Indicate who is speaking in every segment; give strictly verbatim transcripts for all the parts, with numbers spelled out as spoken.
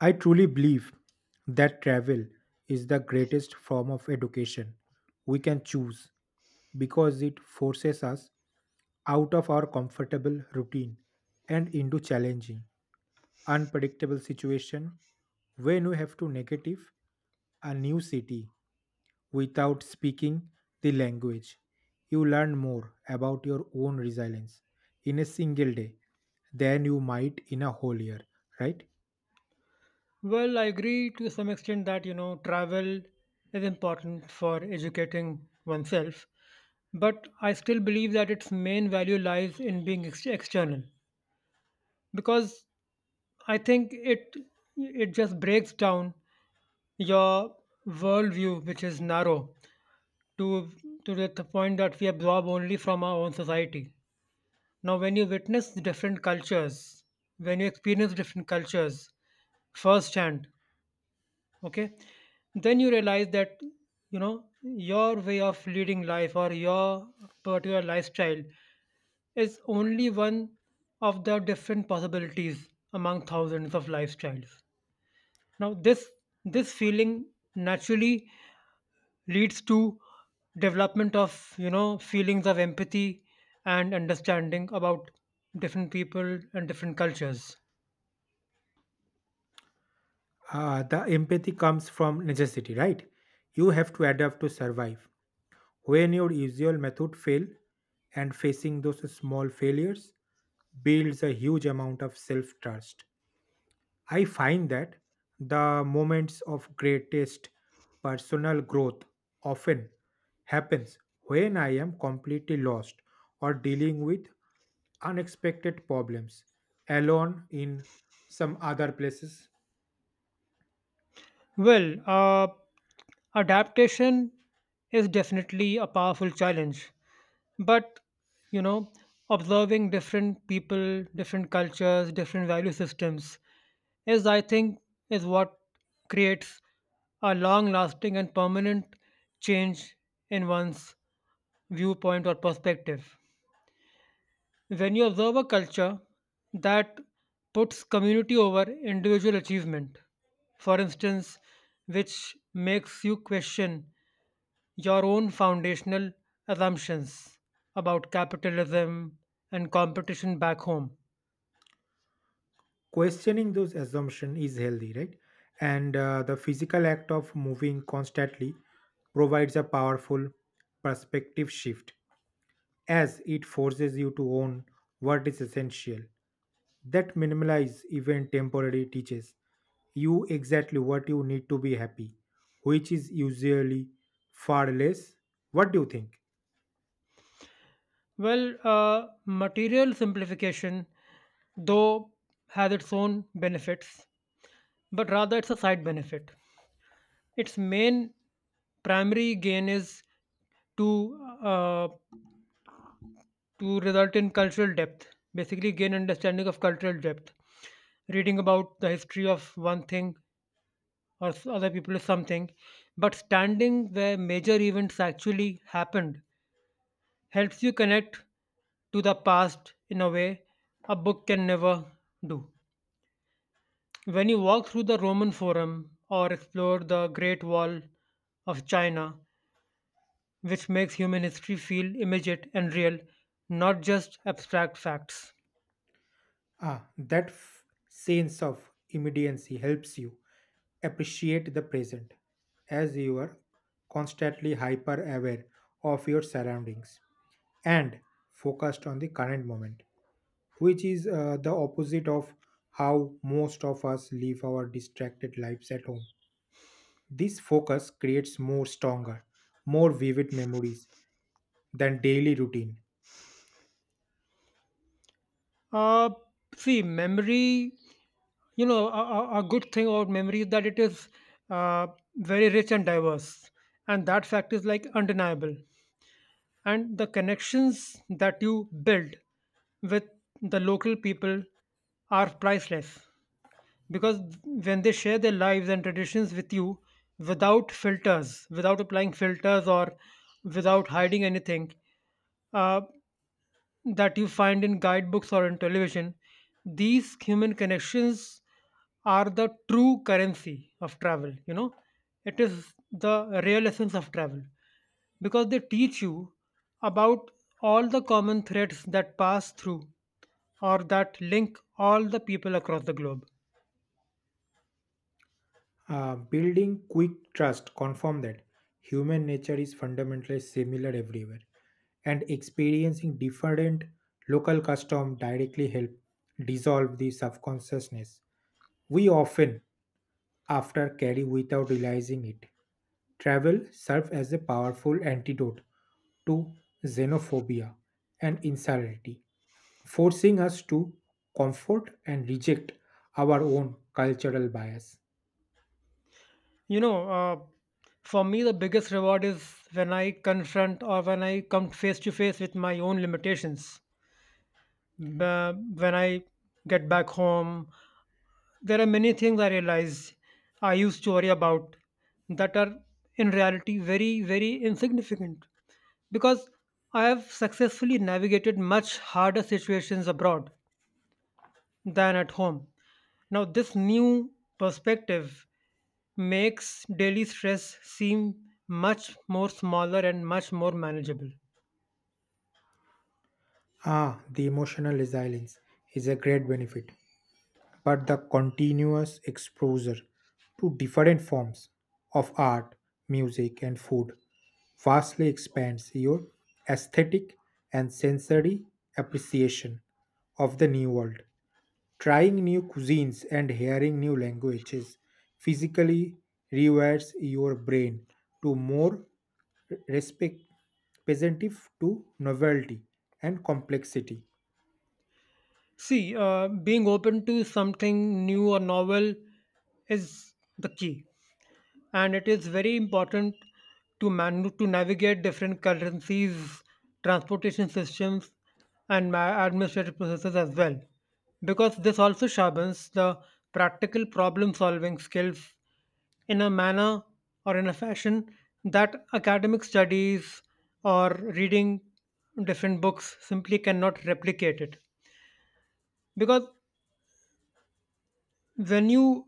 Speaker 1: I truly believe that travel is the greatest form of education we can choose because it forces us out of our comfortable routine and into challenging, unpredictable situation when we have to negative a new city without speaking the language. You learn more about your own resilience in a single day than you might in a whole year, right?
Speaker 2: Well, I agree to some extent that, you know, travel is important for educating oneself, but I still believe that its main value lies in being ex- external because I think it it just breaks down your worldview, which is narrow, to to the the point that we absorb only from our own society. Now, when you witness different cultures, when you experience different cultures, firsthand, okay, then you realize that, you know, your way of leading life or your particular lifestyle is only one of the different possibilities among thousands of lifestyles. Now this this feeling naturally leads to development of, you know, feelings of empathy and understanding about different people and different cultures.
Speaker 1: Uh, the empathy comes from necessity, right? You have to adapt to survive. When your usual method fail, and facing those small failures builds a huge amount of self-trust. I find that the moments of greatest personal growth often happens when I am completely lost or dealing with unexpected problems alone in some other places.
Speaker 2: Well, uh, adaptation is definitely a powerful challenge, but, you know, observing different people, different cultures, different value systems is, I think, is what creates a long-lasting and permanent change in one's viewpoint or perspective. When you observe a culture that puts community over individual achievement, for instance, which makes you question your own foundational assumptions about capitalism and competition back home.
Speaker 1: Questioning those assumptions is healthy, right? And uh, the physical act of moving constantly provides a powerful perspective shift, as it forces you to own what is essential. That minimalize even temporary teaches you exactly what you need to be happy, which is usually far less. What do you think?
Speaker 2: Well, uh, material simplification, though, has its own benefits, but rather it's a side benefit. Its main primary gain is to uh, to result in cultural depth. Basically, gain understanding of cultural depth. Reading about the history of one thing or s- other people is something, but standing where major events actually happened helps you connect to the past in a way a book can never do. When you walk through the Roman Forum or explore the Great Wall of China, which makes human history feel immediate and real, not just abstract facts.
Speaker 1: ah that f- Sense of immediacy helps you appreciate the present as you are constantly hyper aware of your surroundings and focused on the current moment, which is uh, the opposite of how most of us live our distracted lives at home. This focus creates more stronger, more vivid memories than daily routine.
Speaker 2: Uh, See, memory, you know, a, a a good thing about memory is that it is uh, very rich and diverse. And that fact is like undeniable. And the connections that you build with the local people are priceless because when they share their lives and traditions with you without filters, without applying filters or without hiding anything, uh, that you find in guidebooks or in television. These human connections are the true currency of travel, you know. It is the real essence of travel because they teach you about all the common threads that pass through or that link all the people across the globe.
Speaker 1: Uh, building quick trust confirm that human nature is fundamentally similar everywhere, and experiencing different local custom directly help dissolve the subconsciousness we often after carry without realizing it. Travel serves as a powerful antidote to xenophobia and insularity, forcing us to comfort and reject our own cultural bias.
Speaker 2: You know, uh, for me, the biggest reward is when I confront or when I come face to face with my own limitations. Ba- when I get back home, there are many things I realize I used to worry about that are in reality very, very insignificant because I have successfully navigated much harder situations abroad than at home. Now, this new perspective makes daily stress seem much more smaller and much more manageable.
Speaker 1: Ah, the emotional resilience is a great benefit, but the continuous exposure to different forms of art, music, and food vastly expands your aesthetic and sensory appreciation of the new world. Trying new cuisines and hearing new languages physically rewires your brain to more respect, receptive to novelty and complexity.
Speaker 2: See, uh, being open to something new or novel is the key, and it is very important to man to navigate different currencies, transportation systems, and ma- administrative processes as well, because this also sharpens the practical problem-solving skills in a manner or in a fashion that academic studies or reading different books simply cannot replicate it because when you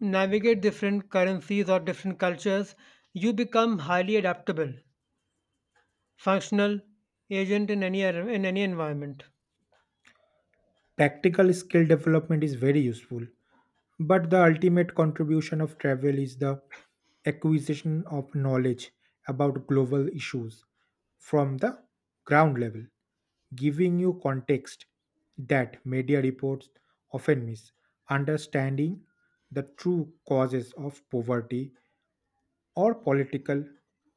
Speaker 2: navigate different currencies or different cultures, you become highly adaptable, functional agent in any ar- in any environment.
Speaker 1: Tactical skill development is very useful, but the ultimate contribution of travel is the acquisition of knowledge about global issues from the ground level, giving you context that media reports often miss. Understanding the true causes of poverty or political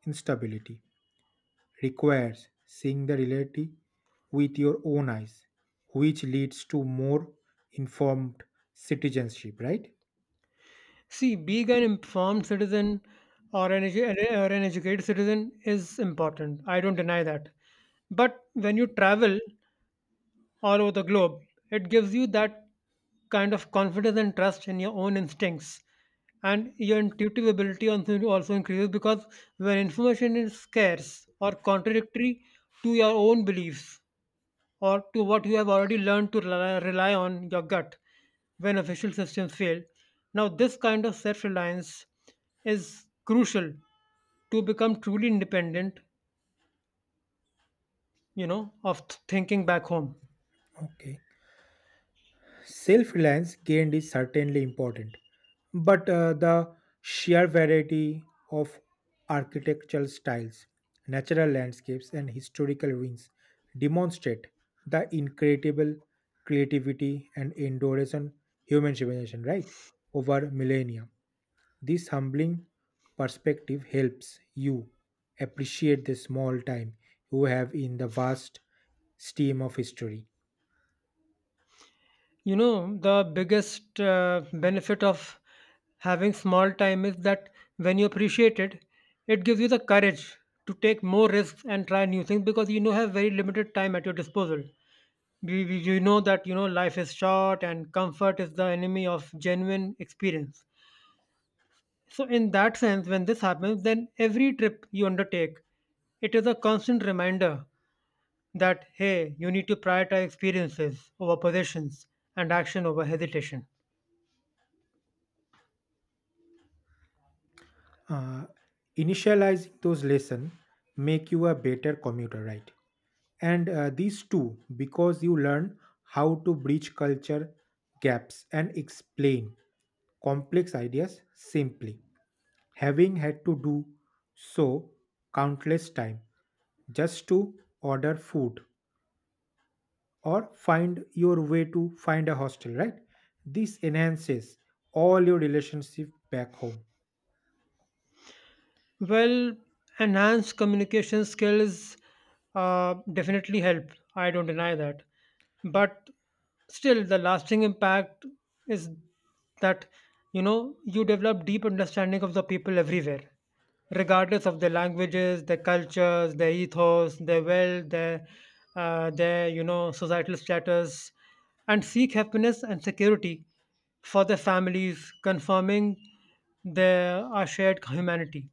Speaker 1: instability requires seeing the reality with your own eyes, which leads to more informed citizenship, right?
Speaker 2: See, being an informed citizen or an, edu- or an educated citizen is important. I don't deny that. But when you travel, all over the globe. It gives you that kind of confidence and trust in your own instincts. And your intuitive ability also also increases because when information is scarce or contradictory to your own beliefs or to what you have already learned to rely rely on your gut when official systems fail. Now, this kind of self reliance is crucial to become truly independent, you know, of th- thinking back home.
Speaker 1: Okay. Self reliance gained is certainly important, but uh, the sheer variety of architectural styles, natural landscapes, and historical ruins demonstrate the incredible creativity and endurance on human civilization, right? Over millennia. This humbling perspective helps you appreciate the small time you have in the vast stream of history.
Speaker 2: You know, the biggest uh, benefit of having small time is that when you appreciate it, it gives you the courage to take more risks and try new things because you know have very limited time at your disposal. You, you you know that, you know, life is short and comfort is the enemy of genuine experience. So, in that sense, when this happens, then every trip you undertake, it is a constant reminder that, hey, you need to prioritize experiences over possessions and action over hesitation.
Speaker 1: Uh, initializing those lessons make you a better commuter, right? And uh, these two, because you learn how to bridge culture gaps and explain complex ideas simply, having had to do so countless time just to order food or find your way to find a hostel, right? This enhances all your relationship back home.
Speaker 2: Well, enhanced communication skills uh, definitely help. I don't deny that. But still, the lasting impact is that, you know, you develop deep understanding of the people everywhere, regardless of their languages, their cultures, their ethos, their wealth, their uh, their, you know, societal status, and seek happiness and security for their families, confirming their our shared humanity.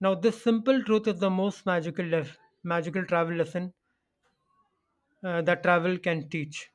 Speaker 2: Now, this simple truth is the most magical lef- magical travel lesson uh, that travel can teach.